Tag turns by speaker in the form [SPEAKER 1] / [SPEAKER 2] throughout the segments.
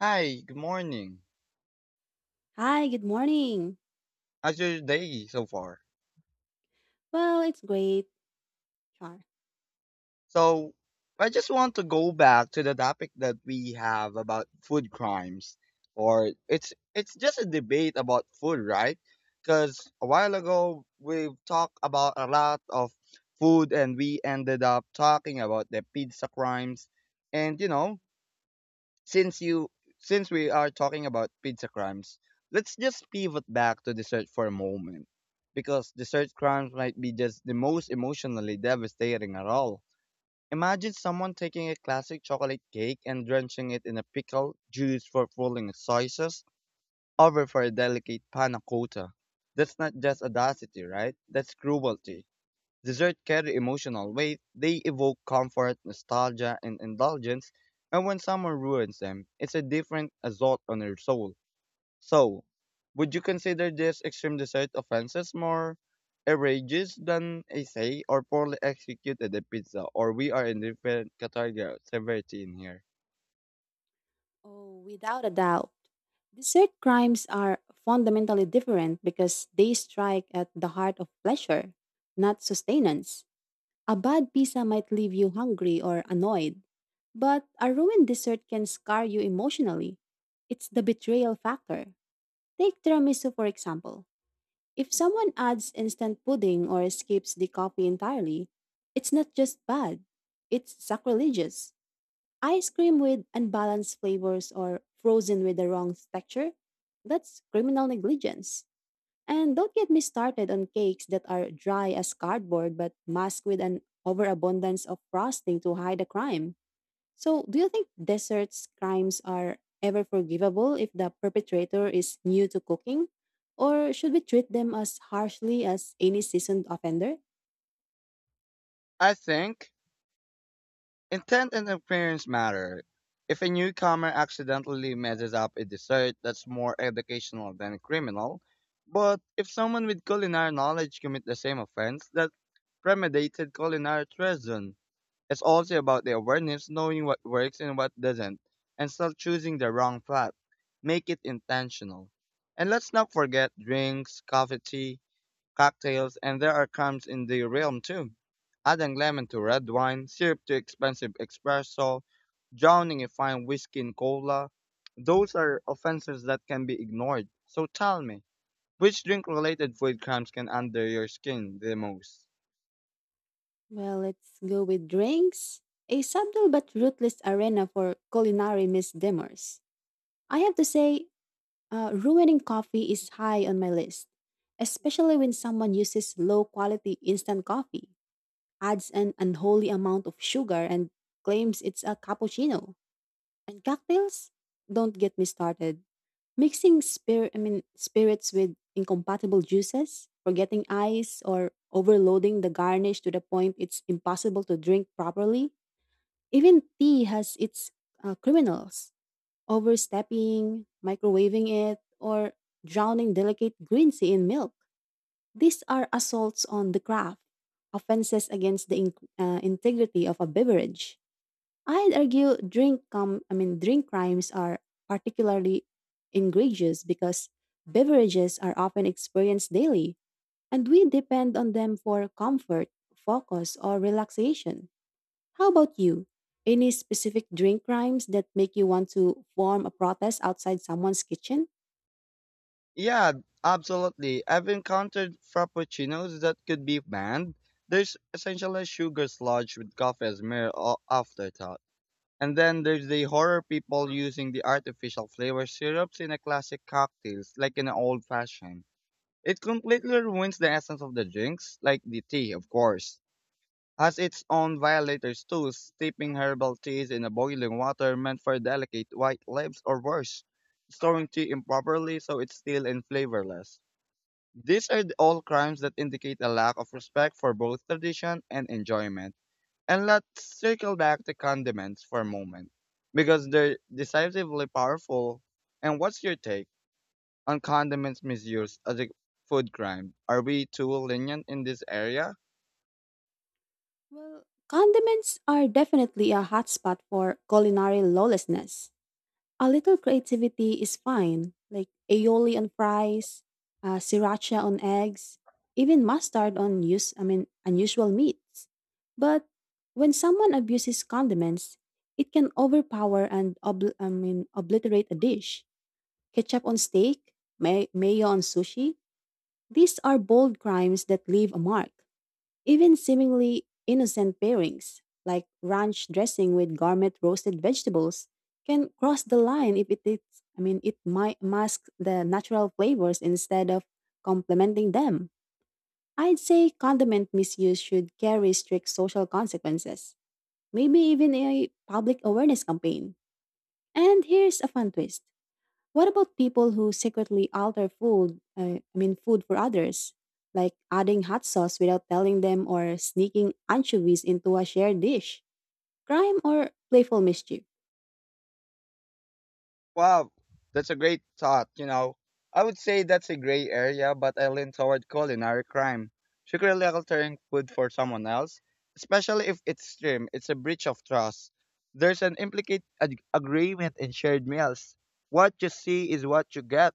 [SPEAKER 1] Hi, good morning.
[SPEAKER 2] Hi, good morning.
[SPEAKER 1] How's your day so far?
[SPEAKER 2] Well, it's great, Char.
[SPEAKER 1] So, I just want to go back to the topic that we have about food crimes, or it's just a debate about food, right? Because a while ago we've talked about a lot of food, and we ended up talking about the pizza crimes, and since you since we are talking about pizza crimes, let's just pivot back to dessert for a moment because dessert crimes might be just the most emotionally devastating at all. Imagine someone taking a classic chocolate cake and drenching it in a pickle juice for fooling sauces over for a delicate panna cotta. That's not just audacity, right? That's cruelty. Desserts carry emotional weight, they evoke comfort, nostalgia, and indulgence, and when someone ruins them, it's a different assault on your soul. So, would you consider this extreme dessert offenses more outrageous than a say or poorly executed a pizza, or we are in different category of severity in here?
[SPEAKER 2] Oh, without a doubt. Dessert crimes are fundamentally different because they strike at the heart of pleasure, not sustenance. A bad pizza might leave you hungry or annoyed, but a ruined dessert can scar you emotionally. It's the betrayal factor. Take tiramisu, for example. If someone adds instant pudding or skips the coffee entirely, it's not just bad, it's sacrilegious. Ice cream with unbalanced flavors or frozen with the wrong texture? That's criminal negligence. And don't get me started on cakes that are dry as cardboard but masked with an overabundance of frosting to hide the crime. So, do you think desserts crimes are ever forgivable if the perpetrator is new to cooking? Or should we treat them as harshly as any seasoned offender?
[SPEAKER 1] I think Intent and appearance matter. If a newcomer accidentally messes up a dessert, that's more educational than criminal. But if someone with culinary knowledge commit the same offense, that's premeditated culinary treason. It's also about the awareness, knowing what works and what doesn't, and still choosing the wrong path. Make it intentional. And let's not forget drinks, coffee, tea cocktails, and there are crumbs in the realm too. Adding lemon to red wine, syrup to expensive espresso, drowning a fine whiskey in cola. Those are offenses that can be ignored. So tell me, which drink related food crumbs can under your skin the most?
[SPEAKER 2] Well, let's go with drinks. A subtle but ruthless arena for culinary misdemeanors. I have to say, ruining coffee is high on my list, especially when someone uses low quality instant coffee, adds an unholy amount of sugar, and claims it's a cappuccino. And cocktails? Don't get me started. Mixing spirits with incompatible juices, forgetting ice, or overloading the garnish to the point it's impossible to drink properly. Even tea has its criminals: overstepping, microwaving it, or drowning delicate green tea in milk. These are assaults on the craft, offenses against the integrity of a beverage. I'd argue drink com I mean drink crimes are particularly egregious because beverages are often experienced daily and we depend on them for comfort, focus, or relaxation. How about you? Any specific drink crimes that make you want to form a protest outside someone's kitchen?
[SPEAKER 1] Yeah, absolutely. I've encountered frappuccinos that could be banned. There's essentially sugar sludge with coffee as mere afterthought. And then there's the horror people using the artificial flavor syrups in a classic cocktails, like in an old fashioned. It completely ruins the essence of the drinks, like the tea, of course. Has its own violators too, steeping herbal teas in a boiling water meant for delicate white lips or worse, storing tea improperly so it's still and flavorless. All crimes that indicate a lack of respect for both tradition and enjoyment. And let's circle back to condiments for a moment because they're decisively powerful. And what's your take on condiments misuse as a food crime? Are we too lenient in this area?
[SPEAKER 2] Well, condiments are definitely a hotspot for culinary lawlessness. A little creativity is fine, like aioli on fries, sriracha on eggs, even mustard on unusual meats. But when someone abuses condiments, it can overpower and obliterate a dish. Ketchup on steak, mayo on sushi. These are bold crimes that leave a mark. Even seemingly innocent pairings, like ranch dressing with gourmet roasted vegetables, can cross the line if it is, I mean, it might mask the natural flavors instead of complementing them. I'd say condiment misuse should carry strict social consequences, maybe even a public awareness campaign. And here's a fun twist, what about people who secretly alter food for others, like adding hot sauce without telling them or sneaking anchovies into a shared dish? Crime or playful mischief?
[SPEAKER 1] Wow, that's a great thought. You know, I would say that's a gray area, but I lean toward culinary crime. Secretly altering food for someone else, especially if it's extreme, it's a breach of trust. There's an implicit agreement in shared meals. What you see is what you get.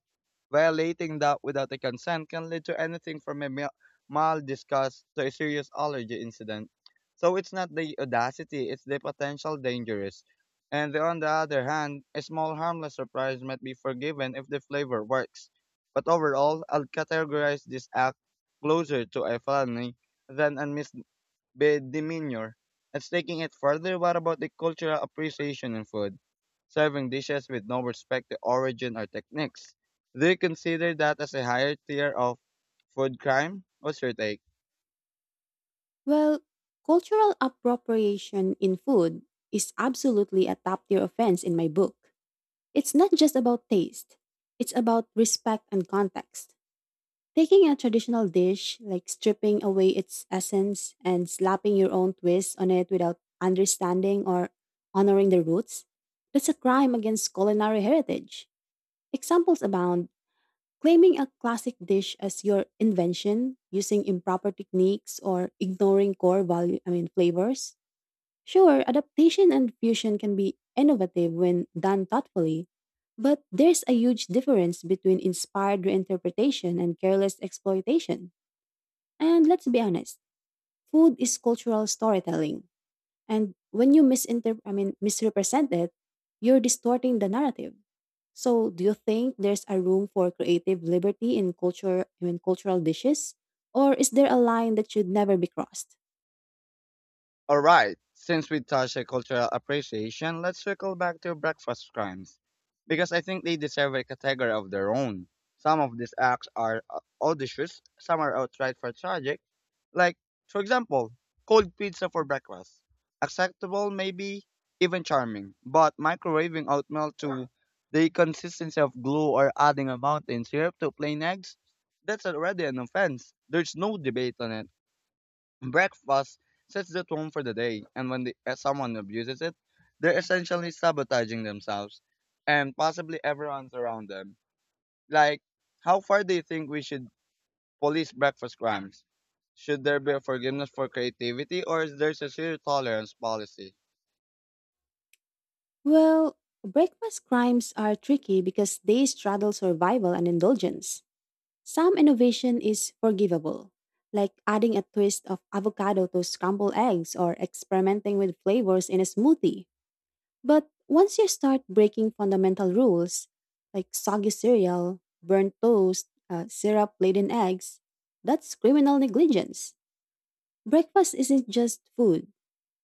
[SPEAKER 1] Violating that without a consent can lead to anything from a mild disgust to a serious allergy incident. So it's not the audacity, it's the potential dangerous. And on the other hand, a small harmless surprise might be forgiven if the flavor works. But overall, I'll categorize this act closer to a felony than a misdemeanor. It's taking it further, what about the cultural appreciation in food? Serving dishes with no respect to origin or techniques. Do you consider that as a higher tier of food crime? What's your take?
[SPEAKER 2] Well, cultural appropriation in food is absolutely a top tier offense in my book. It's not just about taste, it's about respect and context. Taking a traditional dish, like stripping away its essence and slapping your own twist on it without understanding or honoring the roots, that's a crime against culinary heritage. Examples abound. Claiming a classic dish as your invention, using improper techniques or ignoring core value, I mean flavors. Sure, adaptation and fusion can be innovative when done thoughtfully, but there's a huge difference between inspired reinterpretation and careless exploitation. And let's be honest, food is cultural storytelling. And when you misrepresent it, you're distorting the narrative. So, do you think there's a room for creative liberty in cultural dishes? Or is there a line that should never be crossed?
[SPEAKER 1] All right, since we touched on cultural appreciation, let's circle back to breakfast crimes because I think they deserve a category of their own. Some of these acts are audacious, some are outright for tragic. Like, for example, cold pizza for breakfast. Acceptable, maybe even charming, but microwaving oatmeal to the consistency of glue or adding a mountain syrup to plain eggs, that's already an offense. There's no debate on it. Breakfast sets the tone for the day, and when someone abuses it, they're essentially sabotaging themselves and possibly everyone's around them. Like, how far do you think we should police breakfast crimes? Should there be a forgiveness for creativity, or is there a zero tolerance policy?
[SPEAKER 2] Well, breakfast crimes are tricky because they straddle survival and indulgence. Some innovation is forgivable, like adding a twist of avocado to scrambled eggs or experimenting with flavors in a smoothie. But once you start breaking fundamental rules, like soggy cereal, burnt toast, syrup laden eggs, that's criminal negligence. Breakfast isn't just food,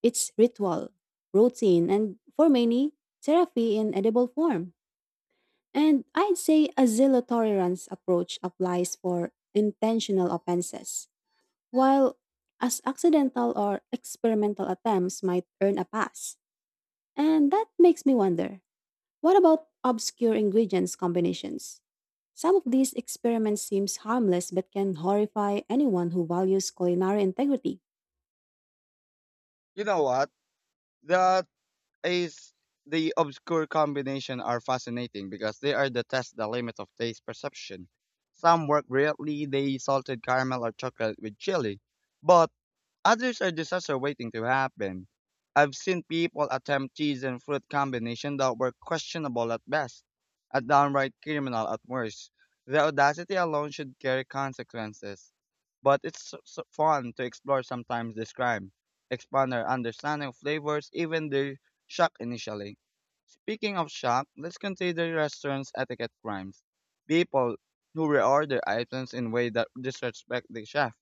[SPEAKER 2] it's ritual, routine, and for many, therapy in edible form. And I'd say a zero tolerance approach applies for intentional offenses, while as accidental or experimental attempts might earn a pass. And that makes me wonder, what about obscure ingredients combinations? Some of these experiments seems harmless but can horrify anyone who values culinary integrity.
[SPEAKER 1] You know what? That is The obscure combination are fascinating because they are the test the limit of taste perception. Some work brilliantly, they salted caramel or chocolate with chili, but others are disaster waiting to happen. I've seen people attempt cheese and fruit combinations that were questionable at best, a downright criminal at worst. The audacity alone should carry consequences. But it's fun to explore sometimes this crime, expand our understanding of flavors, even their shock initially. Speaking of shock, let's consider restaurants' etiquette crimes. People who reorder items in way that disrespect the chef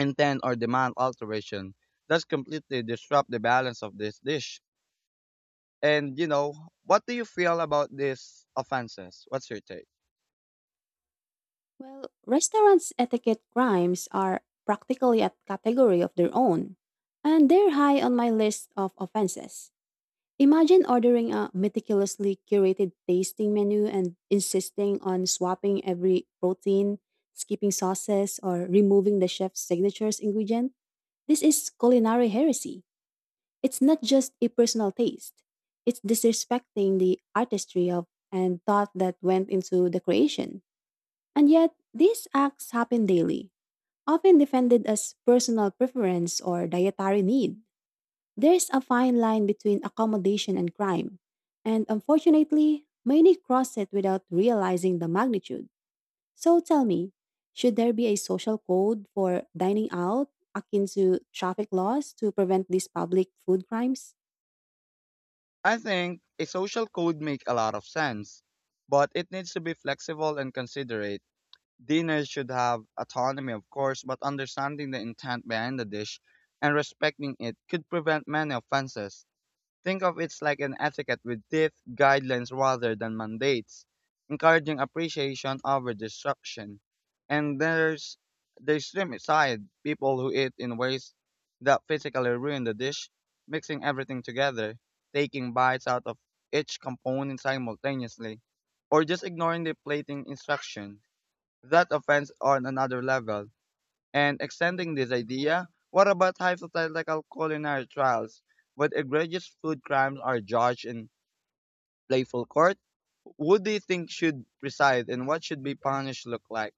[SPEAKER 1] intent or demand alteration. That's completely disrupt the balance of this dish. And you know, what do you feel about these offenses? What's your take?
[SPEAKER 2] Well, restaurants' etiquette crimes are practically a category of their own, and they're high on my list of offenses. Imagine ordering a meticulously curated tasting menu and insisting on swapping every protein, skipping sauces, or removing the chef's signatures ingredient. This is culinary heresy. It's not just a personal taste. It's disrespecting the artistry of and thought that went into the creation. And yet, these acts happen daily, often defended as personal preference or dietary need. There's a fine line between accommodation and crime, and unfortunately, many cross it without realizing the magnitude. So tell me, should there be a social code for dining out akin to traffic laws to prevent these public food crimes?
[SPEAKER 1] I think a social code make a lot of sense, but it needs to be flexible and considerate. Dinners should have autonomy, of course, but understanding the intent behind the dish and respecting it could prevent many offenses. Think of it like an etiquette with teeth, guidelines rather than mandates, encouraging appreciation over destruction. And there's the extreme side, people who eat in ways that physically ruin the dish, mixing everything together, taking bites out of each component simultaneously, or just ignoring the plating instruction. That offends on another level and extending this idea, what about hypothetical culinary trials where egregious food crimes are judged in playful court? Who do you think should preside and what should be punished look like?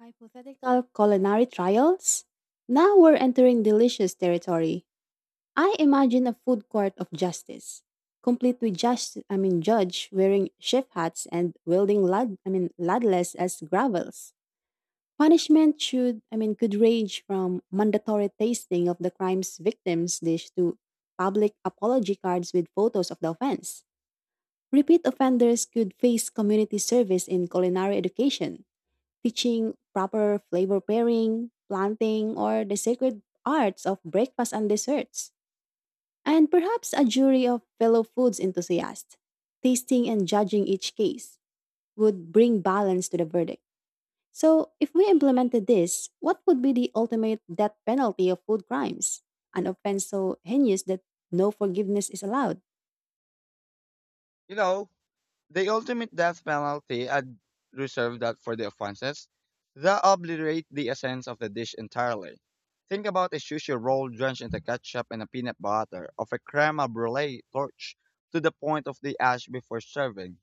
[SPEAKER 2] Hypothetical culinary trials? Now we're entering delicious territory. I imagine a food court of justice, complete with just I mean judge wearing chef hats and wielding ladles as gravels. Punishment should I mean could range from mandatory tasting of the crime's victims dish to public apology cards with photos of the offense. Repeat offenders could face community service in culinary education, teaching proper flavor pairing, planting, or the sacred arts of breakfast and desserts, and perhaps a jury of fellow foods enthusiasts, tasting and judging each case, would bring balance to the verdict. So, if we implemented this, what would be the ultimate death penalty of food crimes? An offense so heinous that no forgiveness is allowed.
[SPEAKER 1] You know, the ultimate death penalty, I'd reserve that for the offenses that obliterate the essence of the dish entirely. Think about a sushi roll drenched in the ketchup and a peanut butter of a creme brulee torch to the point of the ash before serving.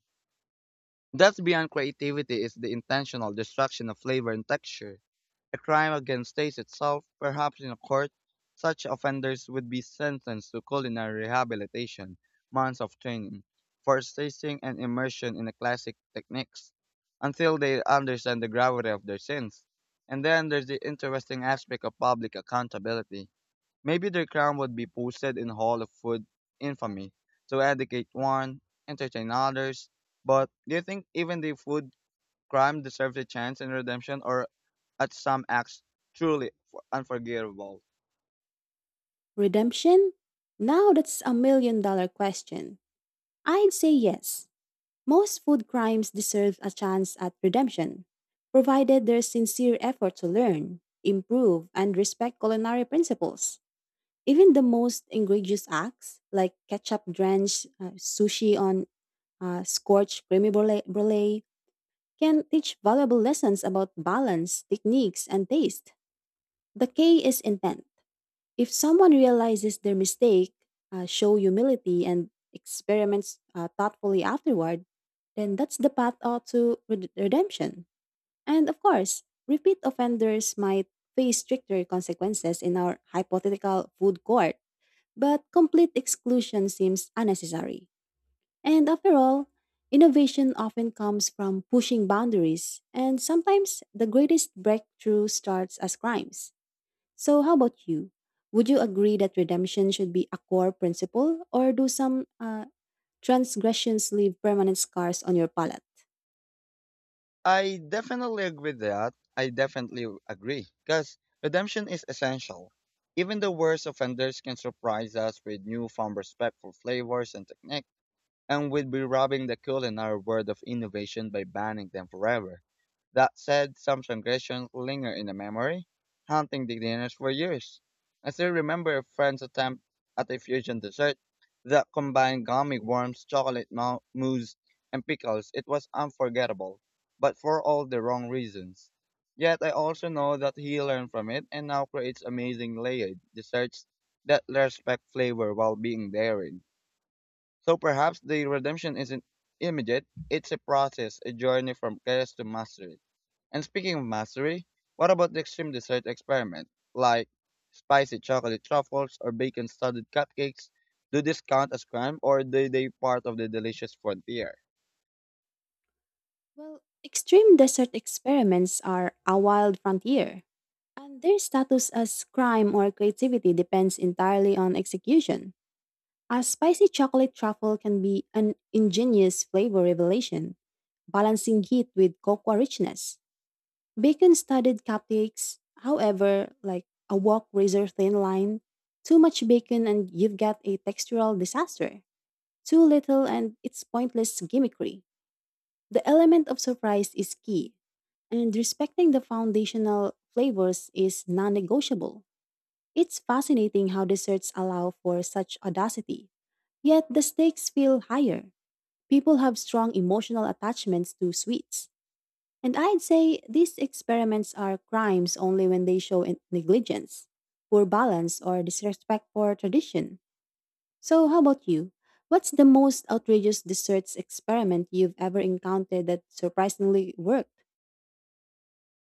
[SPEAKER 1] That's beyond creativity is the intentional destruction of flavor and texture, a crime against taste itself. Perhaps in a court, such offenders would be sentenced to culinary rehabilitation, months of training, forced tasting, and immersion in the classic techniques until they understand the gravity of their sins. And then there's the interesting aspect of public accountability. Maybe their crown would be posted in Hall of Food infamy to educate one, entertain others. But do you think even the food crime deserves a chance in redemption or at some acts truly unforgivable?
[SPEAKER 2] Redemption? Now that's a million dollar question. I'd say yes, most food crimes deserve a chance at redemption, provided there's sincere effort to learn, improve, and respect culinary principles. Even the most egregious acts, like ketchup drenched sushi on scorched creamy brulee, can teach valuable lessons about balance, techniques, and taste. The K is intent. If someone realizes their mistake, show humility, and experiments thoughtfully afterward, then that's the path out to redemption. And of course, repeat offenders might face stricter consequences in our hypothetical food court, but complete exclusion seems unnecessary. And after all, innovation often comes from pushing boundaries, and sometimes the greatest breakthrough starts as crimes. So, how about you? Would you agree that redemption should be a core principle, or do some transgressions leave permanent scars on your palate?
[SPEAKER 1] I definitely agree with that. I definitely agree. Because redemption is essential. Even the worst offenders can surprise us with newfound respect for flavors and techniques, and we'd be robbing the culinary world of innovation by banning them forever. That said, some transgressions linger in the memory, haunting the dinners for years. I still remember a friend's attempt at a fusion dessert that combined gummy worms, chocolate mousse, and pickles. It was unforgettable, but for all the wrong reasons. Yet I also know that he learned from it and now creates amazing layered desserts that respect flavor while being daring. So perhaps the redemption isn't immediate, it's a process, a journey from chaos to mastery. And speaking of mastery, what about the extreme dessert experiment? Like spicy chocolate truffles or bacon studded cupcakes? Do these count as crime or do they part of the delicious frontier?
[SPEAKER 2] Well, extreme desert experiments are a wild frontier, and their status as crime or creativity depends entirely on execution. A spicy chocolate truffle can be an ingenious flavor revelation, balancing heat with cocoa richness. Bacon studded cupcakes, however, like a walk razor thin line. Too much bacon and you've got a textural disaster. Too little and it's pointless gimmickry. The element of surprise is key, and respecting the foundational flavors is non negotiable. It's fascinating how desserts allow for such audacity. Yet the stakes feel higher. People have strong emotional attachments to sweets, and I'd say these experiments are crimes only when they show negligence, poor balance, or disrespect for tradition. So, how about you? What's the most outrageous desserts experiment you've ever encountered that surprisingly worked?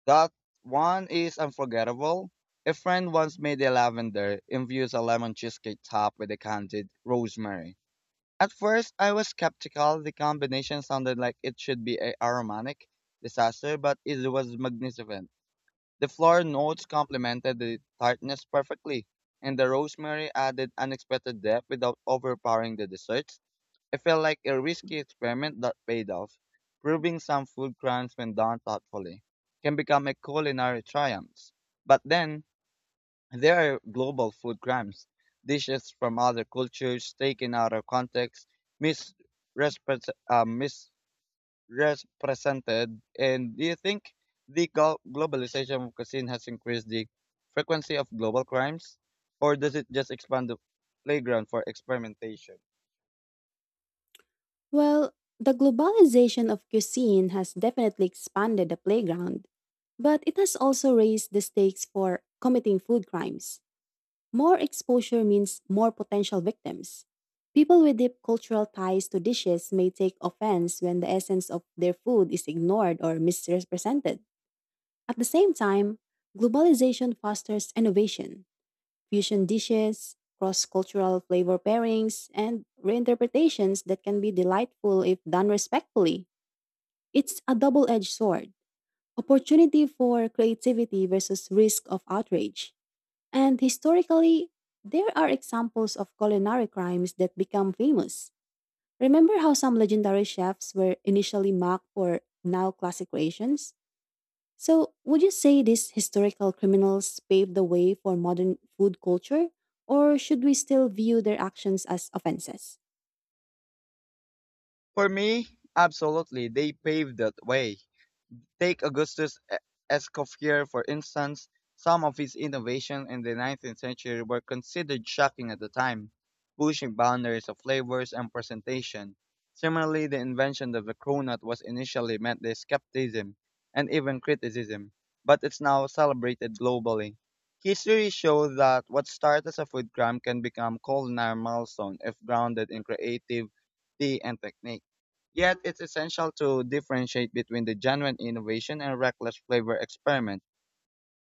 [SPEAKER 1] That one is unforgettable. A friend once made a lavender infused a lemon cheesecake topped with a candied rosemary. At first, I was skeptical. The combination sounded like it should be a aromatic disaster, but it was magnificent. The floral notes complemented the tartness perfectly, and the rosemary added unexpected depth without overpowering the desserts. It felt like a risky experiment that paid off, proving some food crimes when done thoughtfully can become a culinary triumph. But then, there are global food crimes, dishes from other cultures taken out of context, misrepres- uh, misrepresented. And do you think the globalization of cuisine has increased the frequency of global crimes, or does it just expand the playground for experimentation?
[SPEAKER 2] Well, the globalization of cuisine has definitely expanded the playground, but it has also raised the stakes for committing food crimes. More exposure means more potential victims. People with deep cultural ties to dishes may take offense when the essence of their food is ignored or misrepresented. At the same time, globalization fosters innovation. Fusion dishes, cross cultural flavor pairings, and reinterpretations that can be delightful if done respectfully. It's a double edged sword, opportunity for creativity versus risk of outrage. And historically, there are examples of culinary crimes that become famous. Remember how some legendary chefs were initially mocked for now classic creations? So, would you say these historical criminals paved the way for modern food culture, or should we still view their actions as offenses?
[SPEAKER 1] For me, absolutely, they paved that way. Take Augustus Escoffier, for instance. Some of his innovations in the 19th century were considered shocking at the time, pushing boundaries of flavors and presentation. Similarly, the invention of the cronut was initially met with skepticism and even criticism, but it's now celebrated globally. History shows that what started as a food crime can become culinary milestone if grounded in creativity and technique. Yet, it's essential to differentiate between the genuine innovation and reckless flavor experiment.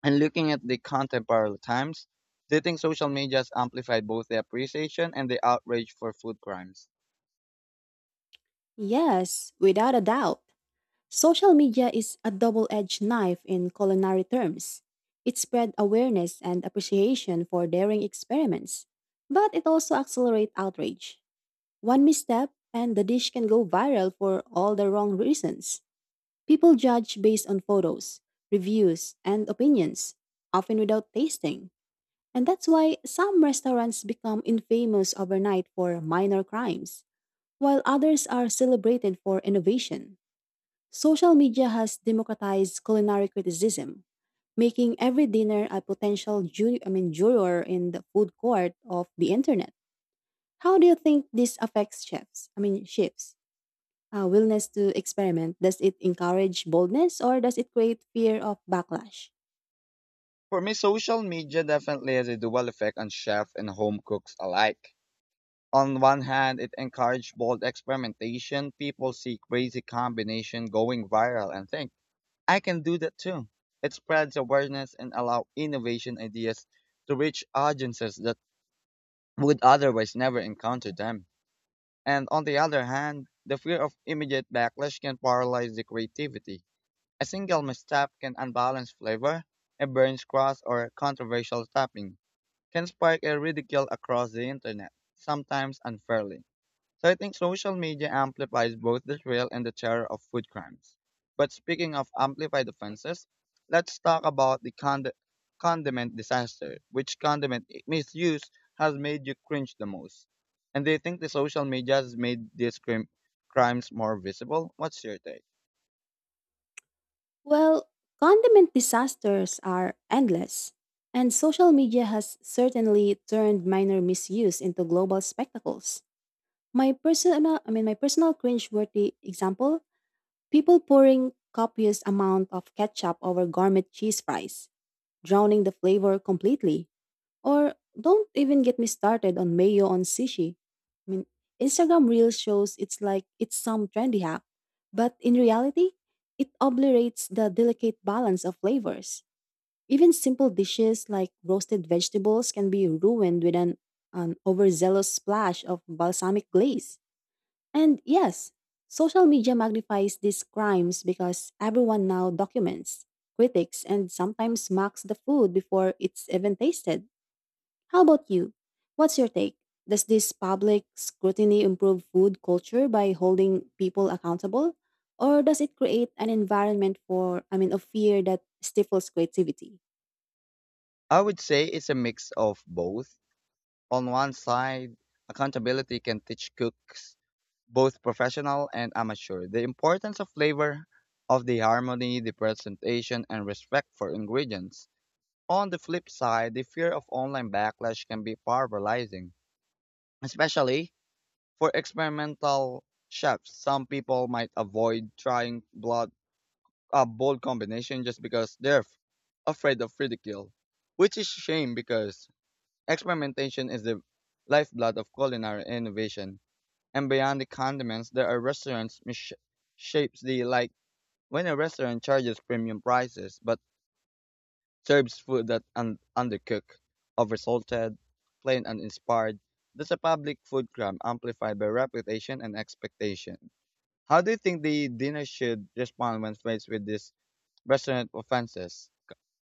[SPEAKER 1] And looking at the contemporary times, do you think social media has amplified both the appreciation and the outrage for food crimes?
[SPEAKER 2] Yes, without a doubt. Social media is a double edged knife in culinary terms. It spread awareness and appreciation for daring experiments, but it also accelerates outrage. One misstep, and the dish can go viral for all the wrong reasons. People judge based on photos, reviews, and opinions, often without tasting. And that's why some restaurants become infamous overnight for minor crimes, while others are celebrated for innovation. Social media has democratized culinary criticism, making every dinner a potential juror in the food court of the internet. How do you think this affects chefs' willingness to experiment. Does it encourage boldness or does it create fear of backlash?
[SPEAKER 1] For me, social media definitely has a dual effect on chefs and home cooks alike. On one hand, it encouraged bold experimentation. People see crazy combination going viral and think, I can do that too. It spreads awareness and allow innovation ideas to reach audiences that would otherwise never encounter them. And on the other hand, the fear of immediate backlash can paralyze the creativity. A single misstep can unbalance flavor, a burns cross or controversial topping can spark a ridicule across the internet, sometimes unfairly. So I think social media amplifies both the thrill and the terror of food crimes. But speaking of amplified offenses, let's talk about the condiment disaster. Which condiment misuse has made you cringe the most? And do you think the social media has made these crimes more visible? What's your take?
[SPEAKER 2] Well, condiment disasters are endless, and social media has certainly turned minor misuse into global spectacles. My personal cringe-worthy example: people pouring copious amount of ketchup over gourmet cheese fries, drowning the flavor completely. Or don't even get me started on mayo on sushi. I mean, Instagram Reels shows it's like it's some trendy hack, but in reality, it obliterates the delicate balance of flavors. Even simple dishes like roasted vegetables can be ruined with an overzealous splash of balsamic glaze. And yes, social media magnifies these crimes because everyone now documents, critics, and sometimes mocks the food before it's even tasted. How about you? What's your take? Does this public scrutiny improve food culture by holding people accountable? Or does it create an environment for, of fear that stifles creativity?
[SPEAKER 1] I would say it's a mix of both. On one side, accountability can teach cooks, both professional and amateur, the importance of flavor, of the harmony, the presentation, and respect for ingredients. On the flip side, the fear of online backlash can be paralyzing, especially for experimental chefs. Some people might avoid trying blood a bold combination just because they're afraid of ridicule, which is a shame because experimentation is the lifeblood of culinary innovation. And beyond the condiments, there are restaurants shapes the like when a restaurant charges premium prices but serves food that undercooked, oversalted, plain and inspired. That's a public food crime amplified by reputation and expectation. How do you think the dinner should respond when faced with these restaurant offenses?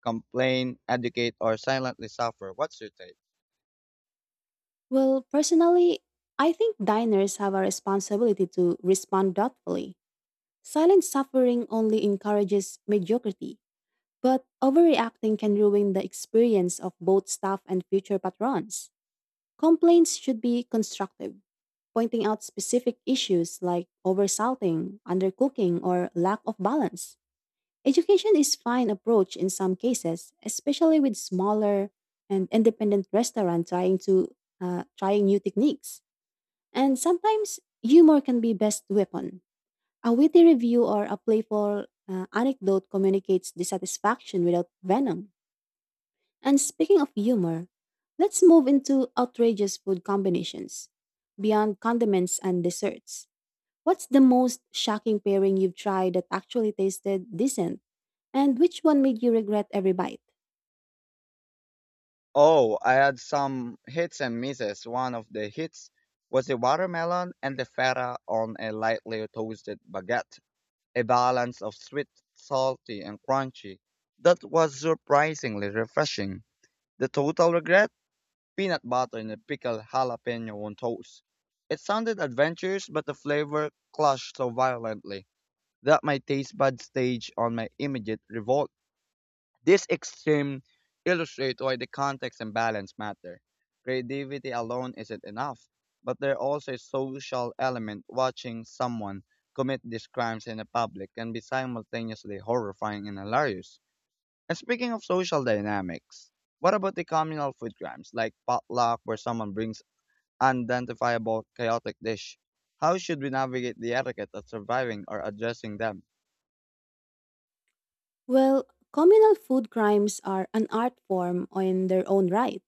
[SPEAKER 1] Complain, educate, or silently suffer? What's your take?
[SPEAKER 2] Well, personally, I think diners have a responsibility to respond thoughtfully. Silent suffering only encourages mediocrity, but overreacting can ruin the experience of both staff and future patrons. Complaints should be constructive, pointing out specific issues like oversalting, undercooking, or lack of balance. Education is fine approach in some cases, especially with smaller and independent restaurants trying to trying new techniques. And sometimes humor can be best weapon, a witty review or a playful anecdote communicates dissatisfaction without venom. And speaking of humor, let's move into outrageous food combinations. Beyond condiments and desserts, what's the most shocking pairing you've tried that actually tasted decent? And which one made you regret every bite?
[SPEAKER 1] Oh, I had some hits and misses. One of the hits was a watermelon and the feta on a lightly toasted baguette, a balance of sweet, salty, and crunchy. That was surprisingly refreshing. The total regret? Peanut butter and a pickled jalapeno on toast. It sounded adventurous, but the flavor clashed so violently that my taste bud staged on my immediate revolt. This extreme illustrates why the context and balance matter. Creativity alone isn't enough, but there also is social element. Watching someone commit these crimes in the public can be simultaneously horrifying and hilarious. And speaking of social dynamics, what about the communal food crimes like potluck where someone brings unidentifiable chaotic dish? How should we navigate the etiquette of surviving or addressing them?
[SPEAKER 2] Well, communal food crimes are an art form in their own right.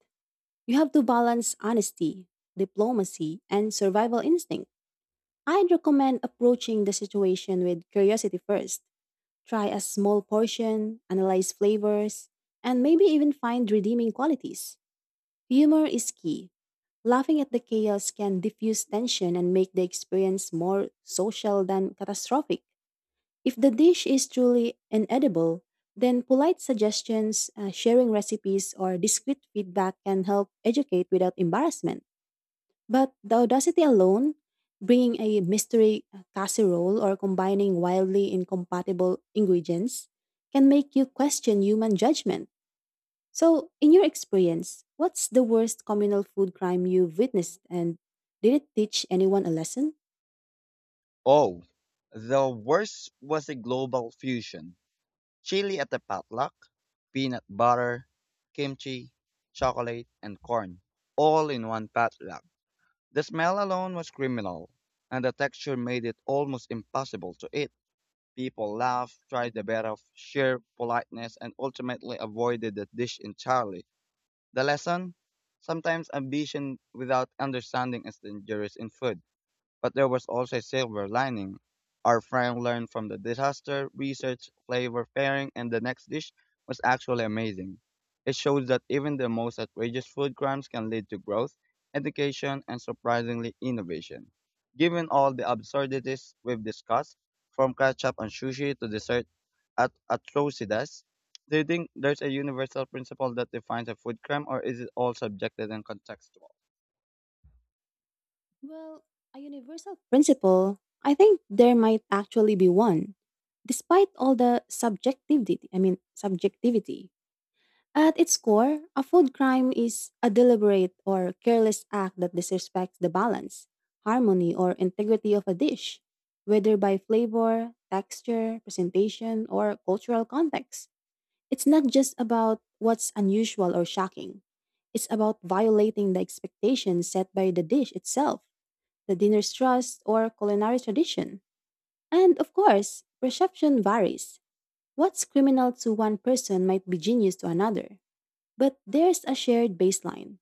[SPEAKER 2] You have to balance honesty, diplomacy, and survival instinct. I'd recommend approaching the situation with curiosity first. Try a small portion, analyze flavors, and maybe even find redeeming qualities. Humor is key. Laughing at the chaos can diffuse tension and make the experience more social than catastrophic. If the dish is truly inedible, then polite suggestions, sharing recipes, or discreet feedback can help educate without embarrassment. But the audacity alone, bringing a mystery casserole or combining wildly incompatible ingredients, can make you question human judgment. So, in your experience, what's the worst communal food crime you've witnessed, and did it teach anyone a lesson?
[SPEAKER 1] Oh, the worst was a global fusion chili at the potluck: peanut butter, kimchi, chocolate, and corn, all in one potluck. The smell alone was criminal, and the texture made it almost impossible to eat. People laughed, tried the best of sheer politeness, and ultimately avoided the dish entirely. The lesson? Sometimes ambition without understanding is dangerous in food. But there was also a silver lining. Our friend learned from the disaster, research, flavor pairing, and the next dish was actually amazing. It shows that even the most outrageous food crimes can lead to growth, education, and surprisingly innovation. Given all the absurdities we've discussed, from ketchup and sushi to dessert at atrocities, do you think there's a universal principle that defines a food crime, or is it all subjective and contextual?
[SPEAKER 2] Well, a universal principle, I think there might actually be one. Despite all the subjectivity, at its core, a food crime is a deliberate or careless act that disrespects the balance, harmony, or integrity of a dish, whether by flavor, texture, presentation, or cultural context. It's not just about what's unusual or shocking. It's about violating the expectations set by the dish itself, the dinner's trust, or culinary tradition. And of course, perception varies. What's criminal to one person might be genius to another. But there's a shared baseline.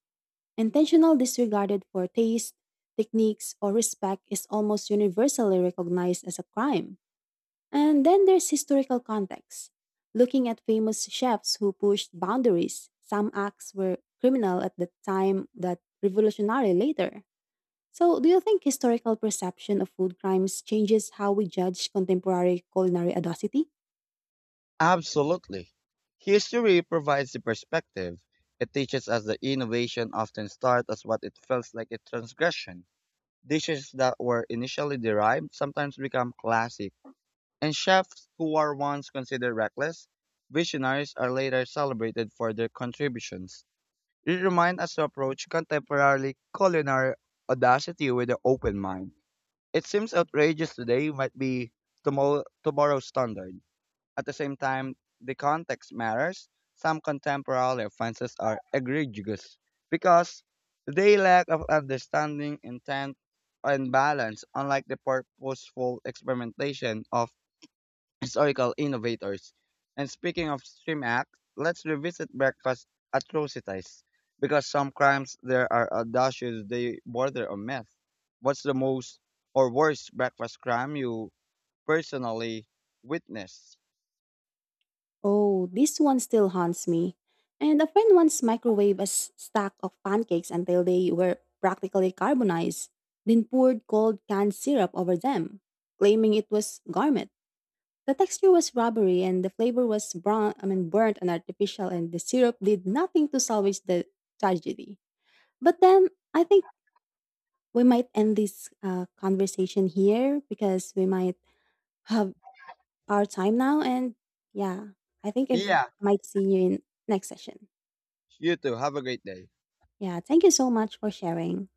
[SPEAKER 2] Intentional disregarded for taste, techniques, or respect is almost universally recognized as a crime. And then there's historical context. Looking at famous chefs who pushed boundaries, some acts were criminal at the time that revolutionary later. So, do you think historical perception of food crimes changes how we judge contemporary culinary audacity?
[SPEAKER 1] Absolutely. History provides the perspective. It teaches us that innovation often starts as what it feels like a transgression. Dishes that were initially derived sometimes become classic, and chefs who were once considered reckless, visionaries are later celebrated for their contributions. It reminds us to approach contemporary culinary audacity with an open mind. It seems outrageous today might be tomorrow's standard. At the same time, the context matters. Some contemporary offenses are egregious because they lack of understanding, intent, and balance, unlike the purposeful experimentation of historical innovators. And speaking of Stream Act, let's revisit breakfast atrocities because some crimes there are audacious, they border on myth. What's the most or worst breakfast crime you personally witnessed?
[SPEAKER 2] Oh, this one still haunts me. And a friend once microwaved a stack of pancakes until they were practically carbonized, then poured cold canned syrup over them, claiming it was garment. The texture was rubbery and the flavor was brown, burnt and artificial, and the syrup did nothing to salvage the tragedy. But then I think we might end this conversation here because we might have our time now. And yeah, I think if
[SPEAKER 1] Yeah.
[SPEAKER 2] I might see you in next session.
[SPEAKER 1] You too. Have a great day.
[SPEAKER 2] Yeah, thank you so much for sharing.